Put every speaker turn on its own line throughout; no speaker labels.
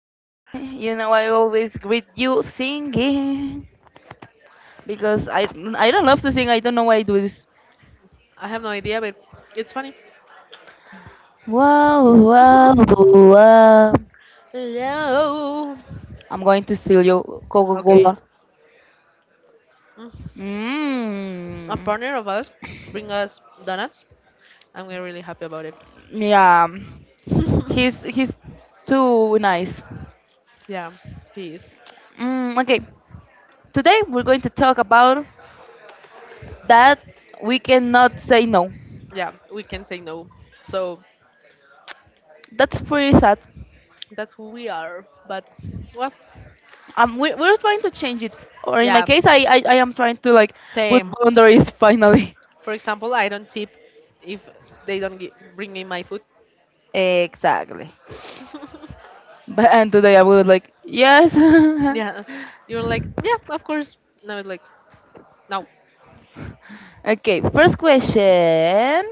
you know I always greet you singing because I don't love to sing. I don't know why I do this.
I have no idea, but it's funny.
Wow, wow, wow.
Hello.
I'm going to steal your
Okay.
Coca-Cola.
Mm, A
Mmm.
partner of us bring us donuts, and we're really happy about it.
Yeah, he's he's too nice.
Yeah, he is.
Okay, today we're going to talk about that we cannot say no.
Yeah, we can say no. So
That's pretty sad.
that's who we are. But well,
We're trying to change it, or in my
yeah,
case I am trying to like put
same.
boundaries finally.
For example, I don't tip if they don't gi- bring me my food.
Exactly. But and today I would like yes.
Yeah, you're like, yeah, of course. No, it's like, no.
Okay, first question.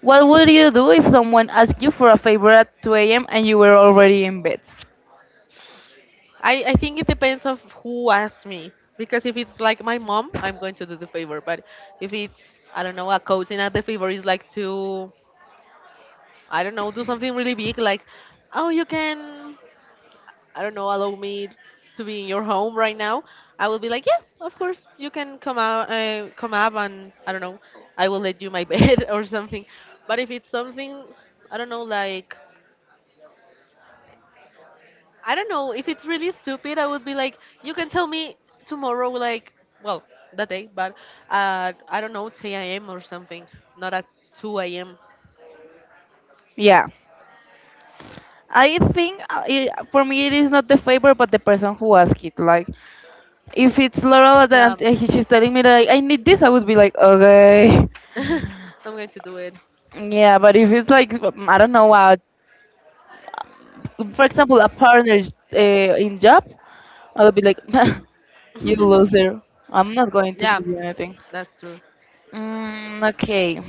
What would you do if someone asked you for a favor at 2 a.m. and you were already in bed?
I think it depends of who asks me. Because if it's like my mom, I'm going to do the favor. But if it's, I don't know, a cousin and the favor is like to, I don't know, do something really big like, oh, you can, I don't know, allow me to be in your home right now, I will be like, yeah, of course. You can come out, come up and, I don't know, I will let you my bed or something. But if it's something, I don't know, like, I don't know, if it's really stupid, I would be like, you can tell me tomorrow, like, well, that day, but I don't know, 10 a.m. or something, not at 2 a.m.
Yeah. I think for me it is not the favor but the person who asked it, like if it's Laurel and
Yeah,
she's telling me that like, I need this, I would be like okay.
I'm going to do it.
Yeah, but if it's like, I don't know, for example, a partner in job, I would be like, "You loser! I'm not going to
Yeah,
give you anything."
that's true.
Okay.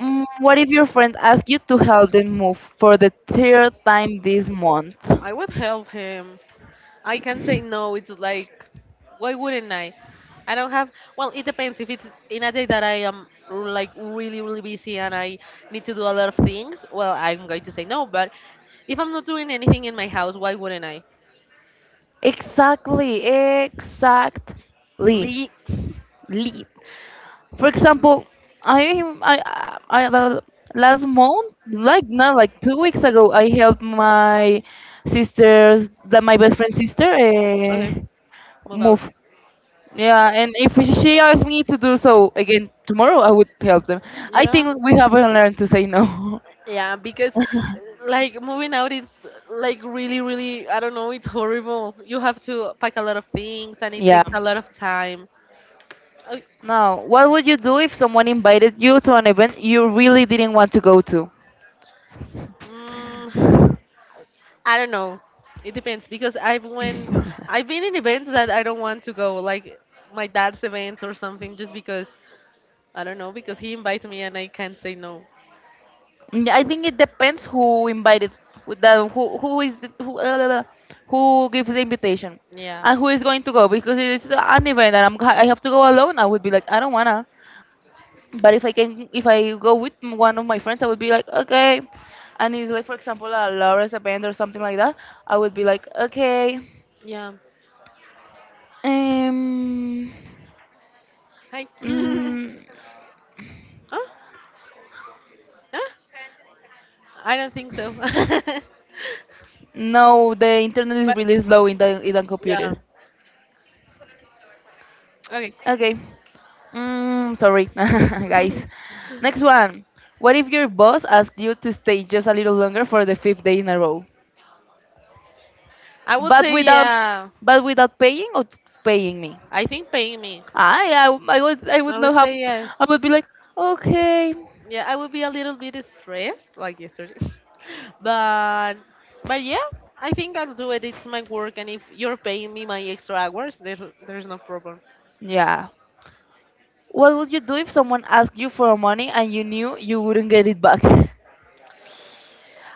What if your friend asks you to help them move for the third time this month?
I would help him. I can say no. It's like, why wouldn't I? I don't have. Well, it depends. If it's in a day that I am like really, really busy and I need to do a lot of things, well, I'm going to say no. But if I'm not doing anything in my house, why wouldn't I?
Exactly, exactly. Lee.
Leaks.
For example, I last month, like not like 2 weeks ago, I helped my that my best friend's sister.
Okay, move out.
Move. Yeah, and if she asked me to do so again tomorrow, I would help them. I
Yeah.
think we haven't learned to say no.
Yeah, because like moving out is like really, really, I don't know, it's horrible. You have to pack a lot of things and it
Yeah.
takes a lot of time. I,
Now, what would you do if someone invited you to an event you really didn't want to go to?
mm, I don't know. It depends because I've been in events that I don't want to go, like my dad's event or something, just because, I don't know, because he invites me and I can't say no.
I think it depends who invited, who the, who is the, who, la, la, who gives the invitation,
Yeah.
and who is going to go. Because it's an event and I have to go alone, I would be like, I don't wanna. But if I can, if I go with one of my friends, I would be like, okay. And it's like, for example, a Laura's a band or something like that. I would be like, okay.
Yeah.
Um,
Hi.
mm,
Huh? Ah, I don't think so.
no, the internet is really slow in the
Yeah.
computer.
Okay.
Okay. Sorry, guys. Next one. What if your boss asked you to stay just a little longer for the fifth day in a row,
I would
but
say
without,
yeah.
but without paying or paying me?
I think paying me.
I
I
would
would
not have.
say yes.
I would be like, okay,
Yeah, I would be a little bit stressed like yesterday. but but yeah, I think I'll do it. It's my work and if you're paying me my extra hours, there's no problem.
yeah. What would you do if someone asked you for money and you knew you wouldn't get it back?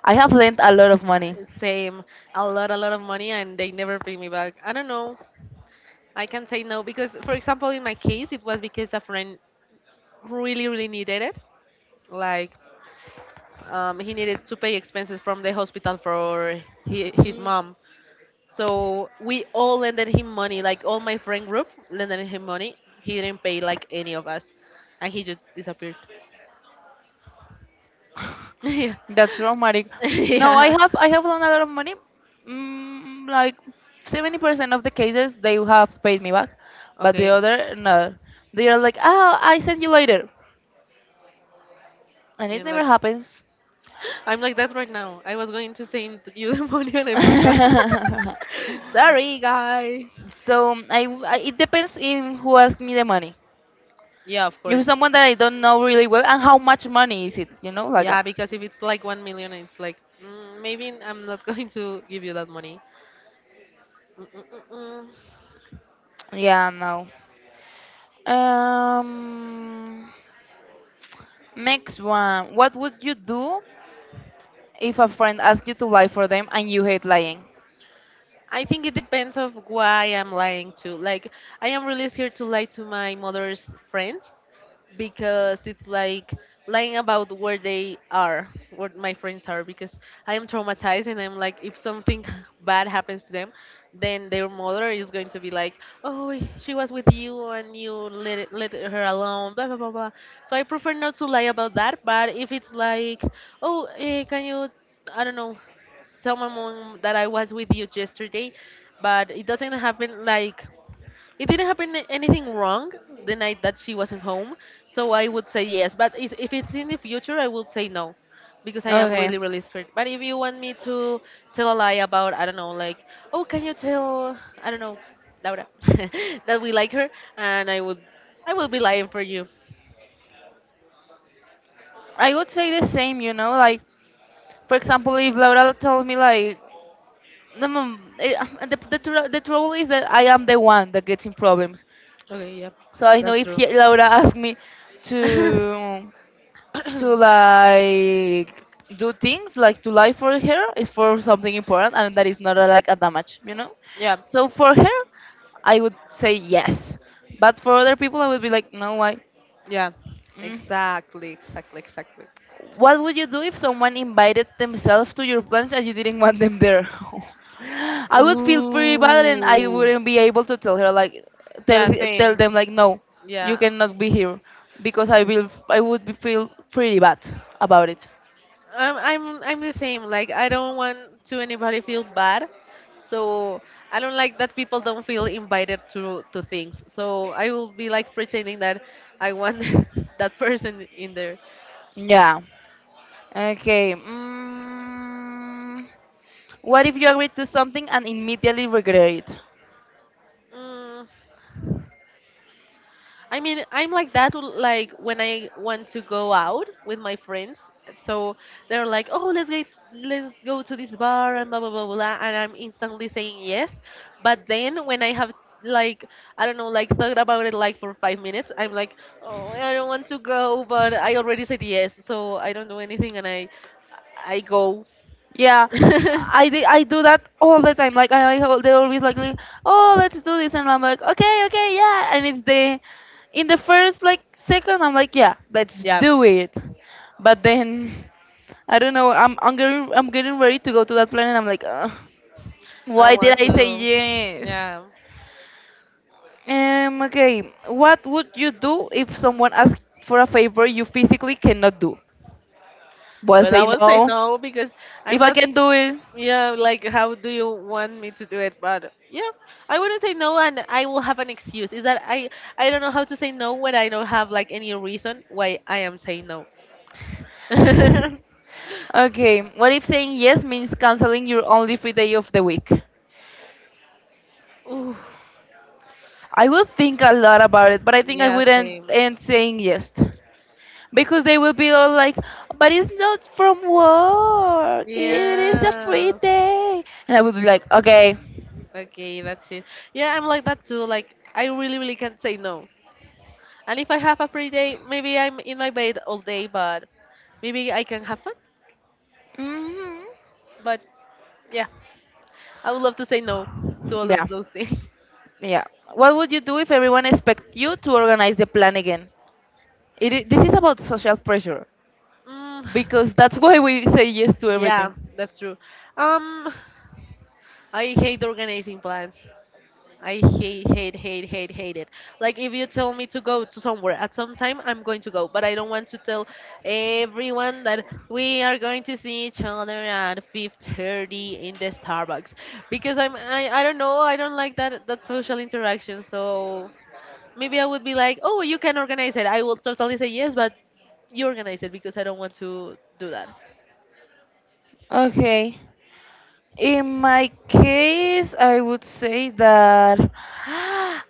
I have lent a lot of money.
Same. A lot of money and they never pay me back. I don't know. I can say no because for example in my case it was because a friend really, really needed it, like, he needed to pay expenses from the hospital for hi his mom. So we all lended him money, like all my friend group lended him money. He didn't pay like any of us, and he just disappeared. Yeah.
That's traumatic. No,
Yeah.
I have loaned a lot of money. Like 70% of the cases they have paid me back, but the
Okay.
other
I
no. They are like, oh, I send you later, and it
mean,
never
like
happens.
I'm like that right now. I was going to send you the money and I forgot. Sorry guys.
So I it depends in who asks me the money.
Yeah, of
If it's
course.
someone that I don't know really well, and how much money is it? You know, like
Yeah, because if it's like 1 million, it's like, mm, maybe I'm not going to give you that money. Mm-mm-mm.
yeah, no. Um, next one. What would you do if a friend asked you to lie for them and you hate lying?
I think it depends of why I'm lying to. Like, I am really scared to lie to my mother's friends because it's like lying about where they are, where my friends are, because I am traumatized and I'm like, if something bad happens to them, then their mother is going to be like, oh, she was with you and you let her alone, blah blah blah blah. So I prefer not to lie about that. But if it's like, oh, can you, I don't know, tell my mom that I was with you yesterday, but it doesn't happen, like, it didn't happen anything wrong the night that she wasn't home, so I would say yes. But if it's in the future, I would say no, because I am
Okay,
really, really scared. But if you want me to tell a lie about, I don't know, like, oh, can you tell, I don't know, Laura, that we like her, and I will be lying for you.
I would say the same. You know, like for example, if Laura tells me like, no, mom, eh, the trouble is that I am the one that gets in problems.
Okay, yeah,
So I know
that's
if
true.
he, Laura asks me to. Like, do things like to lie for her is for something important and that is not like a damage, you know.
Yeah,
So for her I would say yes, but for other people I would be like no, why.
yeah,
Mm.
exactly, exactly, exactly.
What would you do if someone invited themselves to your plans and you didn't want them there? I would feel pretty bad and I
Ooh.
wouldn't be able to tell her, like tell
Yeah,
tell
same.
them like no, you
Yeah,
cannot be here because I would be feel pretty bad about it.
I'm the same. Like, I don't want to anybody feel bad, so I don't like that people don't feel invited to things. So I will be like pretending that I want that person in there.
Yeah. Okay. What if you agree to something and immediately regret it?
Mm, I mean, I'm like that, like when I want to go out with my friends. So they're like, "Oh, let's get, let's go to this bar and blah blah blah blah," and I'm instantly saying yes. But then when I have, like, I don't know, like thought about it like for 5 minutes, I'm like, "Oh, I don't want to go," but I already said yes, so I don't do anything and I go.
Yeah, I do that all the time. They always like, oh let's do this, and I'm like okay, okay, yeah, and it's the in the first like second I'm like yeah, let's
Yeah.
do it, but then I don't know. I'm getting ready to go to that plan and I'm like
I
why
don't want
did I say
to.
yes?
Yeah.
Okay, what would you do if someone asked for a favor you physically cannot do? Well,
Well, I
say
will say
no.
no because I'm
If I
not.
can do it.
Yeah, like how do you want me to do it? But yeah, I wouldn't say no, and I will have an excuse. Is that I don't know how to say no when I don't have like any reason why I am saying no.
Okay, what if saying yes means canceling your only free day of the week?
Ooh.
I will think a lot about it, but I think I
Yeah,
wouldn't
same.
end saying yes. Because they will be all like, but it's not from work, it is a free
Yeah.
day. And I will be like, okay.
Okay, that's it. Yeah, I'm like that too. Like I really, really can't say no. And if I have a free day, maybe I'm in my bed all day, but maybe I can have fun.
Hmm.
But yeah, I would love to say no to all
Yeah.
of those things.
Yeah. What would you do if everyone expect you to organize the plan again? This is about social pressure
Mm,
because that's why we say yes to
yeah,
everything.
that's true. Um, I hate organizing plans. I hate, hate, hate, hate, hate it. Like if you tell me to go to somewhere at some time, I'm going to go. But I don't want to tell everyone that we are going to see each other at 5:30 in the Starbucks because I don't know, I don't like that social interaction. So maybe I would be like, oh, you can organize it. I will totally say yes, but you organize it because I don't want to do that.
Okay. In my case, I would say that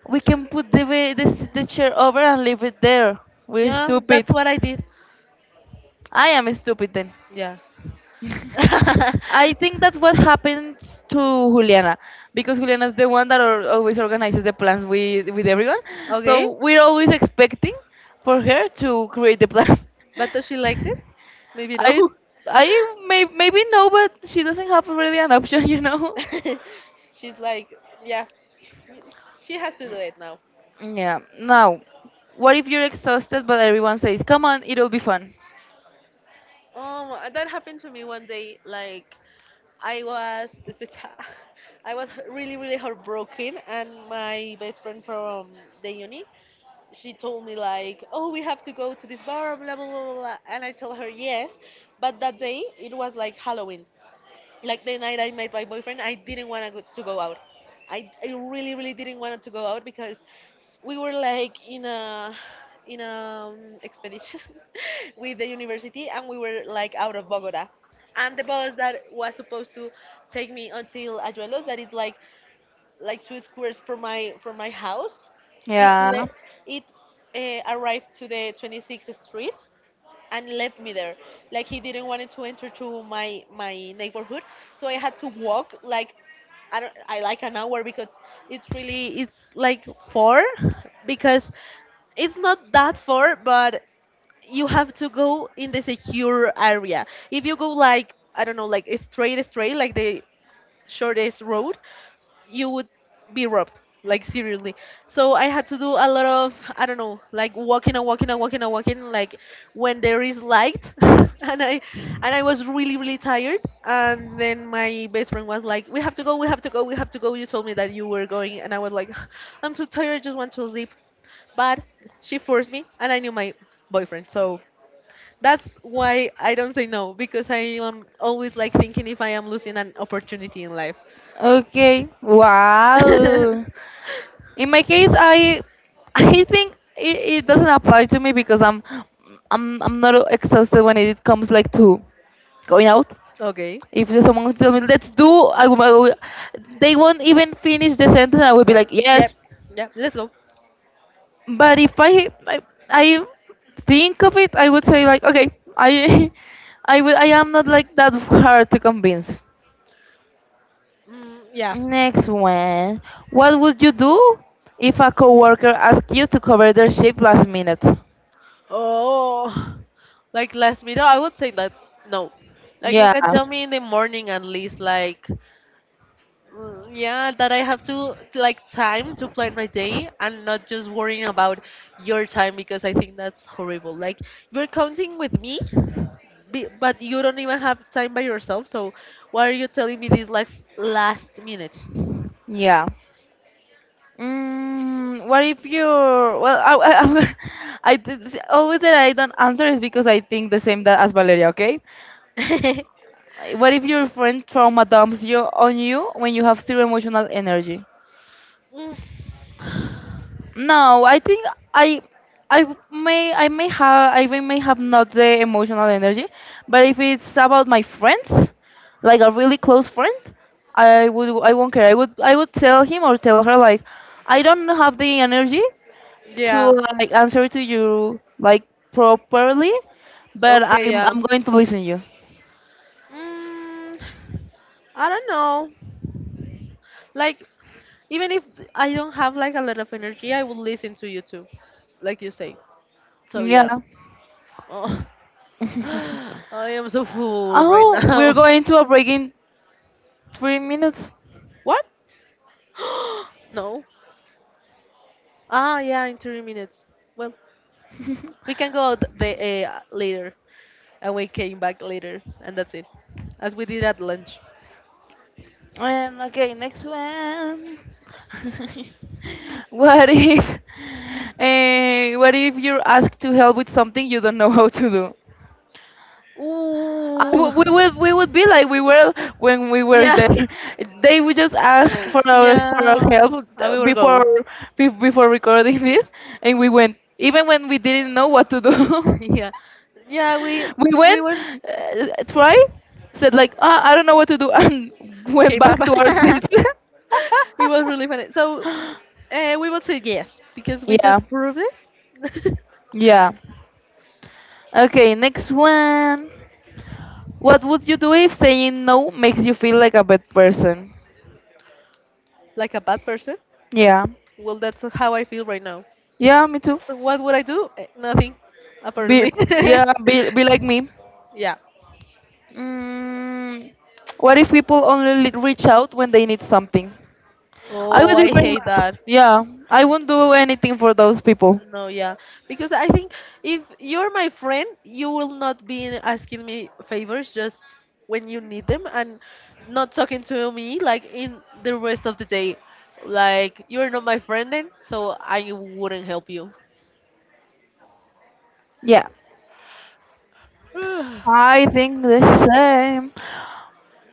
we can put the, the chair over and leave it there. We're
Yeah,
stupid.
that's what I did.
I am stupid then.
Yeah.
I think that's what happens to Juliana, because Juliana is the one that al always organizes the plans with everyone. So
Okay,
we're always expecting for her to create the plan.
but does she liked it? Maybe
I
no.
I maybe no, but she doesn't have really an option, you know.
She's like, yeah, she has to do it now.
Yeah. Now, what if you're exhausted but everyone says, "Come on, it'll be fun."
That happened to me one day. Like, I was despecha- I was really, really heartbroken, and my best friend from the uni, she told me like, oh, we have to go to this bar, blah blah blah, blah, blah," and I told her yes, but that day it was like Halloween, like the night I met my boyfriend, I didn't want to go out. I really, really didn't want to go out because we were like in a expedition with the university, and we were like out of Bogota. And the bus that was supposed to take me until Ayuelos, that is like two squares from my house, it
Yeah.
le- it arrived to the 26th street and left me there. Like he didn't want to enter to my my neighborhood, so I had to walk like, I don't I like an hour, because it's really it's like far, because it's not that far, but you have to go in the secure area. If you go, like, I don't know, like straight, straight, like the shortest road, you would be robbed. Like seriously. So I had to do a lot of, I don't know, like walking and walking and walking and walking, like when there is light and I was really, really tired and then my best friend was like, we have to go, we have to go, we have to go. You told me that you were going and I was like, I'm so tired, I just want to sleep. But she forced me and I knew my boyfriend, so that's why I don't say no because I am always like thinking if I am losing an opportunity in life.
Okay. Wow. In my case, I I think it doesn't apply to me because I'm not exhausted when it comes like to going out.
Okay.
If there's someone tells me let's do, I will- they won't even finish the sentence. I will be like yes,
Yep. Yep. Let's go.
but if I I think of it, I would say like okay, I I am not like that hard to convince.
Mm, yeah.
Next one, what would you do if a coworker asked you to cover their shift last minute?
Oh, like last minute, I would say that no. Like you
Yeah.
can tell me in the morning at least, like, mm, yeah, that I have to like time to plan my day and not just worrying about your time because I think that's horrible. Like, you're counting with me, but you don't even have time by yourself. So why are you telling me this last minute?
Yeah. What if you're well? I always that I don't answer is because I think the same that as Valeria. Okay. What if your friend trauma dumps you on you when you have zero emotional energy?
Mm.
No, I think I I may have. I may have not the emotional energy, but if it's about my friends, like a really close friend, I won't care. I would tell him or tell her like I don't have the energy to
Yeah.
like answer to you like properly, but
Okay, yeah.
I'm going to listen you.
Mm, I don't know. Like, even if I don't have like a lot of energy, I will listen to you too, like you say. So
Yeah.
yeah. Oh, I am so full right
Oh, we're
now.
going to a break in 3 minutes.
What? No. Ah, yeah, in 30 minutes. Well, we can go out the later, and we came back later, and that's it, as we did at lunch.
Okay, next one. What if, what if you're asked to help with something you don't know how to do? I
Ooh.
w- we would We would be like we were when we were
Yeah.
there. They would just ask for our
Yeah.
help
And we will go.
before before recording this, and we went even when we didn't know what to do.
Yeah. Yeah,
We
we
went
went
try said like ah, I don't know what to do, and went
Okay, bye
back to our
bye.
seats.
it was really funny. We would say yes because we
Yeah,
just proved it.
yeah. Okay, next one. What would you do if saying no makes you feel like a bad person?
like a bad person.
Yeah,
Well, that's how I feel right now.
yeah, me too.
So what would I do? Eh, nothing,
Be,
apparently.
yeah, be like me.
Yeah.
Mm, what if people only reach out when they need something? I
Oh,
would be
I
very
hate
mad.
that.
Yeah, I won't do anything for those people.
No, yeah. Because I think if you're my friend, you will not be asking me favors just when you need them and not talking to me like in the rest of the day. Like, you're not my friend then, so I wouldn't help you.
Yeah, I think the same.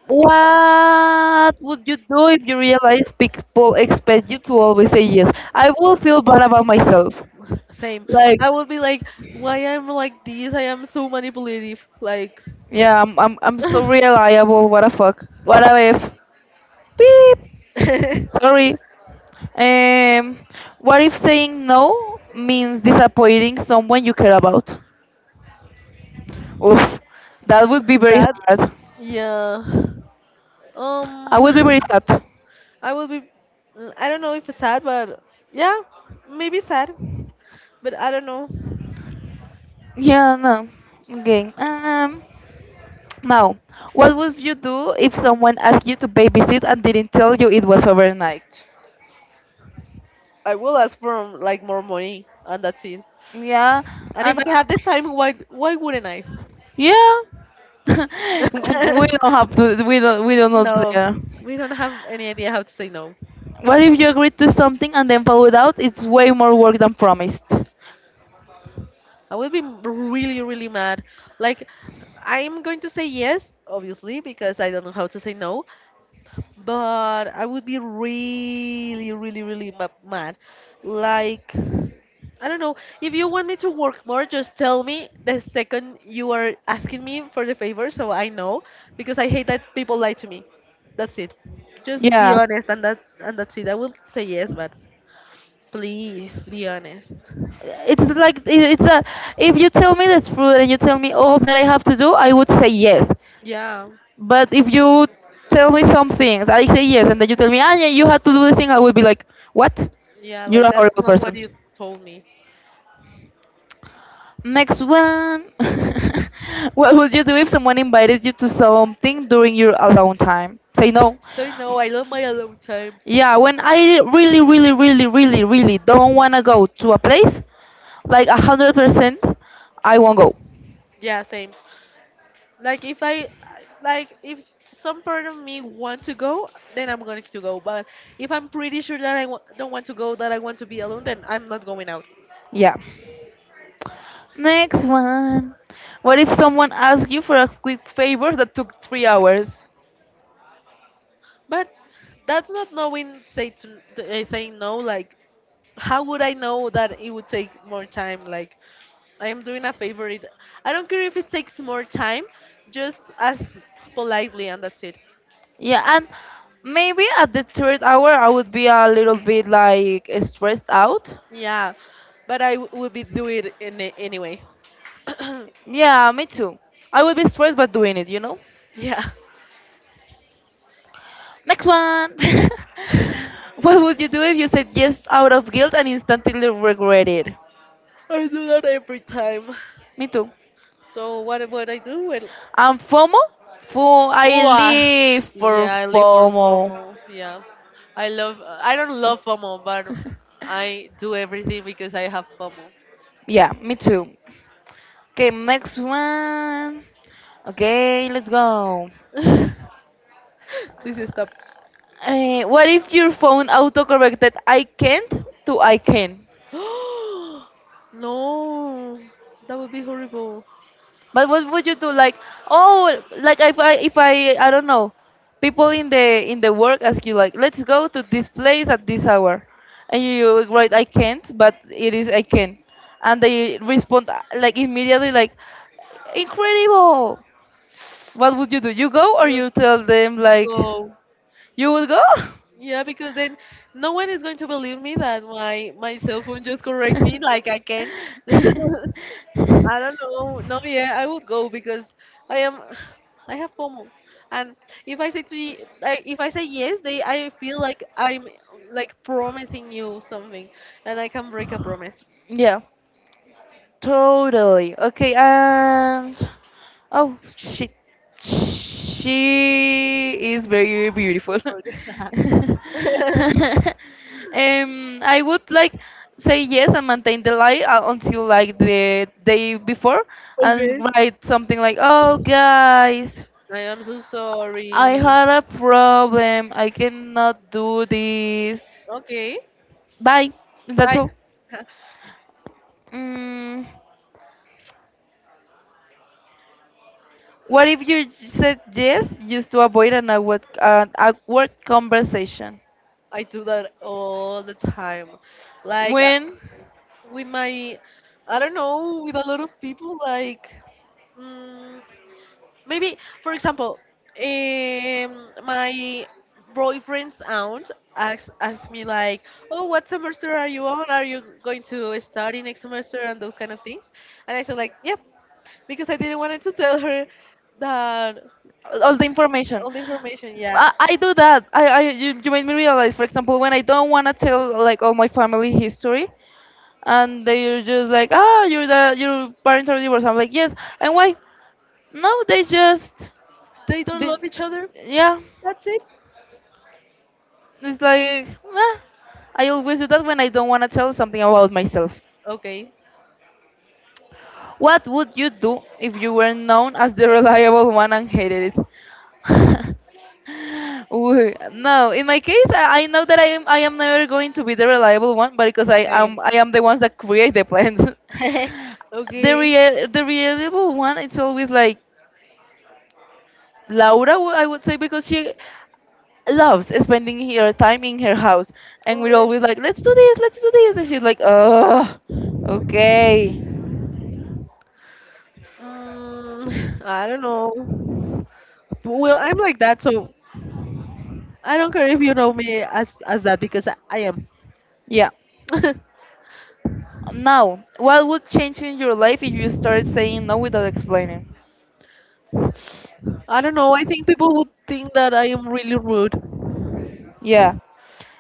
What would you do if you realize people expect you to always say yes? I will feel bad about myself.
Same.
Like,
I would be like, why I'm like this? I am so manipulative. Like,
yeah, I'm so reliable. What a fuck. What a if. Beep.
that.
Sorry. Um, what if saying no means disappointing someone you care about? Oof, that would be very hard.
Yeah.
I
Um.
would be very sad.
I will be. I don't know if it's sad, but yeah, maybe sad. But I don't know.
Yeah, no. Okay. Now, what would you do if someone asked you to babysit and didn't tell you it was overnight?
I will ask for like more money, and that's it.
Yeah,
And if I
I'm.
have the time, why wouldn't I?
Yeah, we don't have to. We don't. We don't know
no,
there.
we don't have any idea how to say no.
What if you agreed to something and then followed out? It's way more work than promised.
I will be m- Really really mad. Like, I'm going to say yes, obviously, because I don't know how to say no. But I would be really, really, really mad. Like, I don't know. If you want me to work more, just tell me the second you are asking me for the favor so I know because I hate that people lie to me. That's it. Just be
Yeah.
honest and that's it. I will say yes, but please be honest.
It's a, if you tell me the truth and you tell me all that I have to do, I would say yes.
Yeah.
But if you tell me some things, I say yes, and then you tell me, ah, yeah, you have to do this thing, I will be like, what?
Yeah,
You're
like
a
that's
horrible
not what you
person.
told me.
Next one. What would you do if someone invited you to something during your alone time? Say no.
So no, I love my alone time.
Yeah, when I really don't want to go to a place, like 100%, I won't go.
Yeah, same. Like if I like if some part of me want to go, then I'm going to go. But if I'm pretty sure that I don't want to go, that I want to be alone, then I'm not going out.
Yeah. Next one. What if someone asks you for a quick favor that took 3 hours?
But that's not knowing saying no. Like, how would I know that it would take more time? Like, I am doing a favor. It I don't care if it takes more time, just as politely and that's it.
Yeah, and maybe at the third hour I would be a little bit like stressed out.
Yeah, but I would be do it in anyway.
Yeah, me too. I would be stressed by doing it, you know?
yeah.
Next one. What would you do if you said yes out of guilt and instantly regret it?
I do that every time.
Me too.
So what would I do? Well,
And FOMO? Fo I
ooh, ah,
live for
yeah, I live for
FOMO.
FOMO. Yeah, I love. I don't love FOMO, but I do everything because I have FOMO.
Yeah, me too. Okay, next one. Okay, let's go.
please stop.
What if your phone autocorrected I can't to I can?
no, that would be horrible.
But what would you do? Like, oh, like if I, I don't know, people in the work ask you like, let's go to this place at this hour, and you write I can't, but it is I can, and they respond like immediately like, incredible. What would you do? You go or
Yes,
you tell them like,
go.
you will go?
Yeah, because then no one is going to believe me that my cell phone just correct me like I can. I don't know. No, yeah, I would go because I am, I have FOMO, and if I say to y- I, if I say yes, they I feel like I'm like promising you something, and I can break a promise.
Yeah. Totally. Okay, and oh shit. She is very beautiful. I would like say yes and maintain the lie until like the day before and
okay.
write something like, "Oh guys,
I am so
I
sorry.
had a problem. I cannot do this.
Okay.
Bye." That's
Bye.
all. Mm. What if you said yes just to avoid an awkward conversation?
I do that all the time. Like. uh,
When?
with my, I don't know, with a lot of people like, mm, maybe for example, my boyfriend's aunt asked me like, oh, what semester are you on, are you going to study next semester and those kind of things, and I said like yep because I didn't want to tell her that
All the information.
all the information, yeah.
I do that. I, you made me realize, for example, when I don't want to tell like all my family history, and they're just like, ah, you're the your parents are divorced. I'm like, yes, and why? No, they just,
They don't
they,
love each other,
yeah.
that's it.
It's like, ah. I always do that when I don't want to tell something about myself.
Okay,
What would you do if you were known as the reliable one and hated it? Ooh, no, in my case, I know that I am never going to be the reliable one, but because I
same.
am I am the ones that create the plans. the
Okay.
real the reliable one, it's always like Laura, I would say, because she loves spending her time in her house, and we're always like, let's do this, and she's like, oh, okay,
Um, I don't know. Well, I'm like that, so I don't care if you know me as that because I am.
yeah. Now, what would change in your life if you started saying no without explaining?
I don't know. I think people would think that I am really rude.
Yeah.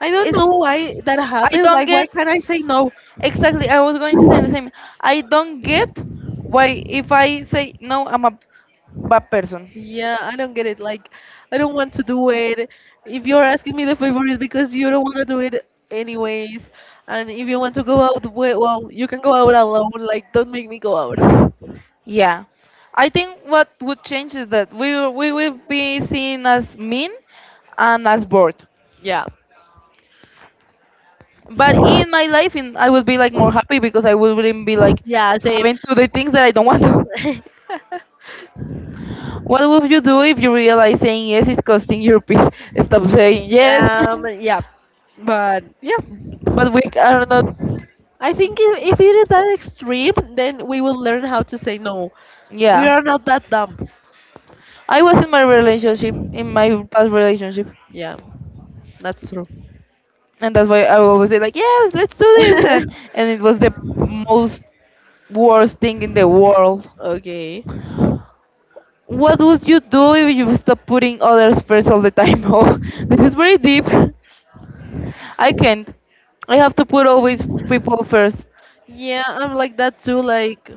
I don't
It's
know why that
I
happens.
don't
Like, why
get
can't I say no?
exactly I was going to say the same. I don't get why if I say no I'm a bad person.
Yeah, I don't get it. Like, I don't want to do it. If you're asking me the favor, it's because you don't want to do it anyways. And if you want to go out, well, you can go out alone. Like, don't make me go out.
Yeah. I think what would change is that we will be seen as mean and as bored.
Yeah,
But in my life in I would be like more happy because I wouldn't be like
yeah, same.
having to do things that I don't want to. What would you do if you realize saying yes is costing your peace? Stop saying yes.
Yeah, but yeah,
But we are not.
I think if it is that extreme, then we will learn how to say no. We
Yeah,
are not that dumb.
I was in my relationship, in my past relationship,
Yeah, that's true.
and that's why I always say like, yes, let's do this, and it was the most worst thing in the world.
Okay.
What would you do if you stop putting others first all the time? Oh, this is very deep. I can't. I have to put always people first.
Yeah, I'm like that too. Like.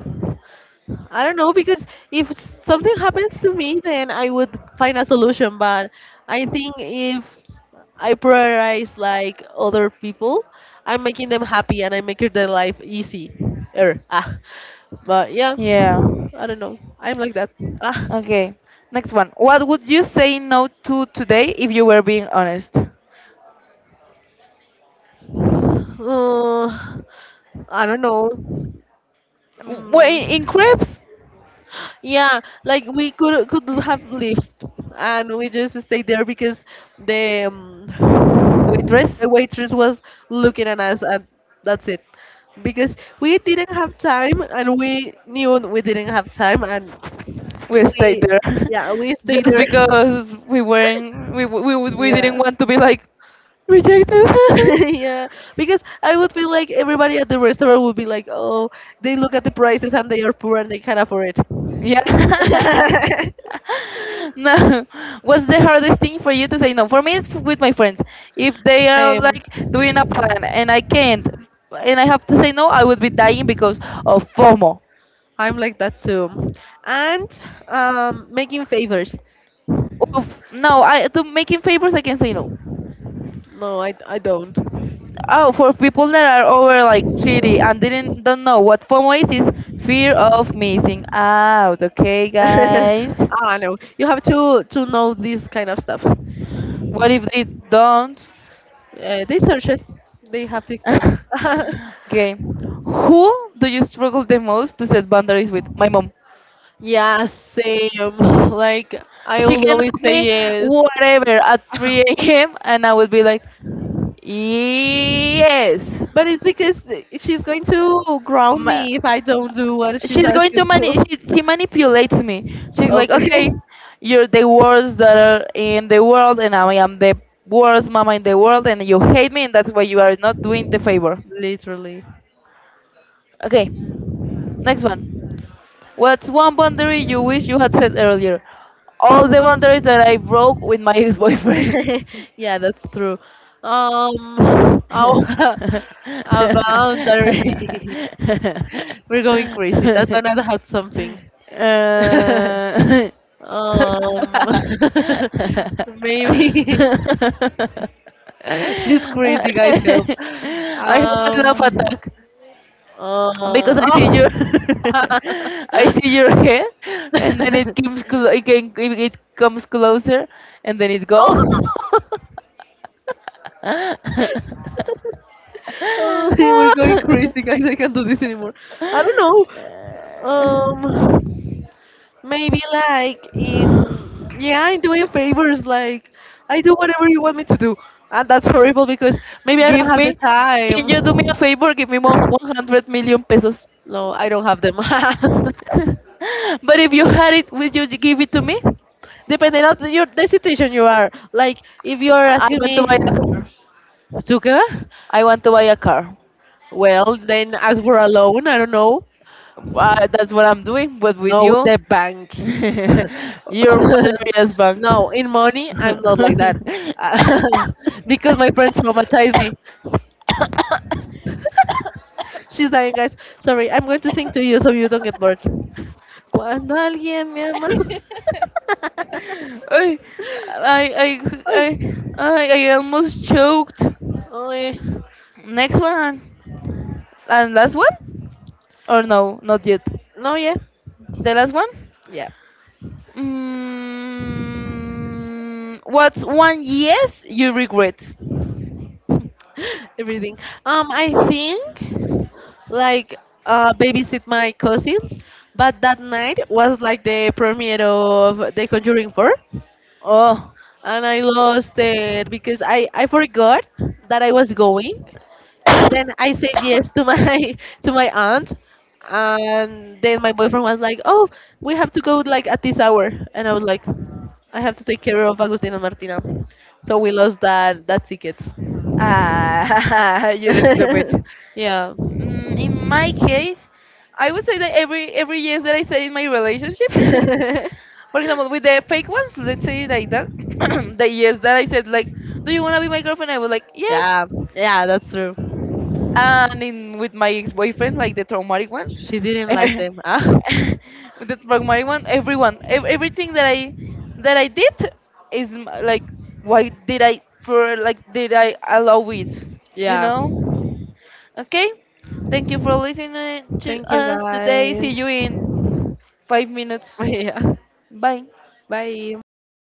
I don't know because if something happens to me, then I would find a solution. But I think if I prioritize like other people, I'm making them happy and I'm making their life easy. Ah. But yeah,
Yeah.
I don't know. I'm like that. Ah.
Okay. Next one. What would you say no to today if you were being honest?
Uh, I don't know.
Well, in
Mm,
crepes,
yeah, like we could have lived, and we just stayed there because the um,
we
the
dress,
waitress was looking at us, and that's it. Because we didn't have time, and we knew we didn't have time, and
we stayed
we,
there,
yeah, we stayed
just
there.
because we weren't, we we
Yeah,
didn't want to be like rejected.
yeah. Because I would be like, everybody at the restaurant would be like, oh, they look at the prices and they are poor and they can't afford it.
Yeah. No. What's the hardest thing for you to say no? For me, it's with my friends. If they are
Same.
like doing a plan and I can't, and I have to say no, I would be dying because of FOMO.
I'm like that too. And making favors.
Of, no, I to making favors. I can say no.
No, I don't.
Oh, for people that are over like 30 and didn't don't know what FOMO is fear of missing out. Okay, guys.
ah, no. You have to know this kind of stuff.
What if they don't?
They search it. They have TikTok.
Okay. Who do you struggle the most to set boundaries with? My mom.
Yeah, same. Like I
She
will
can
always
ask
say
me
yes.
whatever at 3 a.m. and I would be like, yes.
But it's because she's going to ground me if I don't do what she's
she's going to
asking
mani-
to.
she manipulates me. She's like,
Okay.
okay, you're the worst daughter in the world and I am the worst mama in the world and you hate me and that's why you are not doing the favor.
Literally.
Okay, next one. What's one boundary you wish you had set earlier? All the boundaries that I broke with my ex-boyfriend.
Yeah, that's true. How about boundary. We're going crazy. Tatana had something.
Uh,
Um, maybe, she's crazy, guys. Help.
I hope I laugh
Um.
attack
Uh,
because I see your
oh.
I see your head and then it
oh.
comes clo- it, can, it comes closer and then it goes.
we're going crazy, guys. I can't do this anymore. I don't know. Maybe like in, yeah, I'm doing favors. Like, I do whatever you want me to do, and that's horrible because maybe I don't
Give
have the
me, can
time.
you do me a favor? Give me 100 million pesos.
No, I don't have them.
But if you had it, would you give it to me?
Depending on your the situation you are. Like if you are
I
asking
want to
me.
buy a car.
Suka?
I want to buy a car.
Well, then as we're alone, I don't know.
That's what I'm doing, but with
No, with
you,
the bank.
your Valeria's bank.
no, in money, I'm not like that. because my friends traumatized me. She's dying, guys. Sorry, I'm going to sing to you so you don't get bored. Cuando alguien me ama.
I, I,
Ay,
I, I almost choked.
ay.
Next one. And last one? Or no, not yet.
No, yeah.
The last one?
Yeah.
Mm, what's one yes you regret?
everything. I think like babysit my cousins, but that night was like the premiere of The Conjuring 4,
Oh,
and I lost it because I forgot that I was going, and then I said yes to my to my aunt. And then my boyfriend was like, "Oh, we have to go like at this hour," and I was like, "I have to take care of Agustina and Martina," so we lost that ticket.
ah, you're stupid.
yeah.
Mm, in my case, I would say that every yes that I stay in my relationship, For example, with the fake ones, let's say like that, the yes that I said like, "Do you wanna be my girlfriend?" I was like, "Yes."
yeah, yeah, that's true.
And in with my ex-boyfriend, like the traumatic one,
She didn't like
with
them.
the traumatic one, everything that I did is like, why did I for like did I allow it? You
yeah.
know? Okay. Thank you for listening to
Thank you
us today. See you
guys.
in 5 minutes.
yeah.
Bye.
Bye.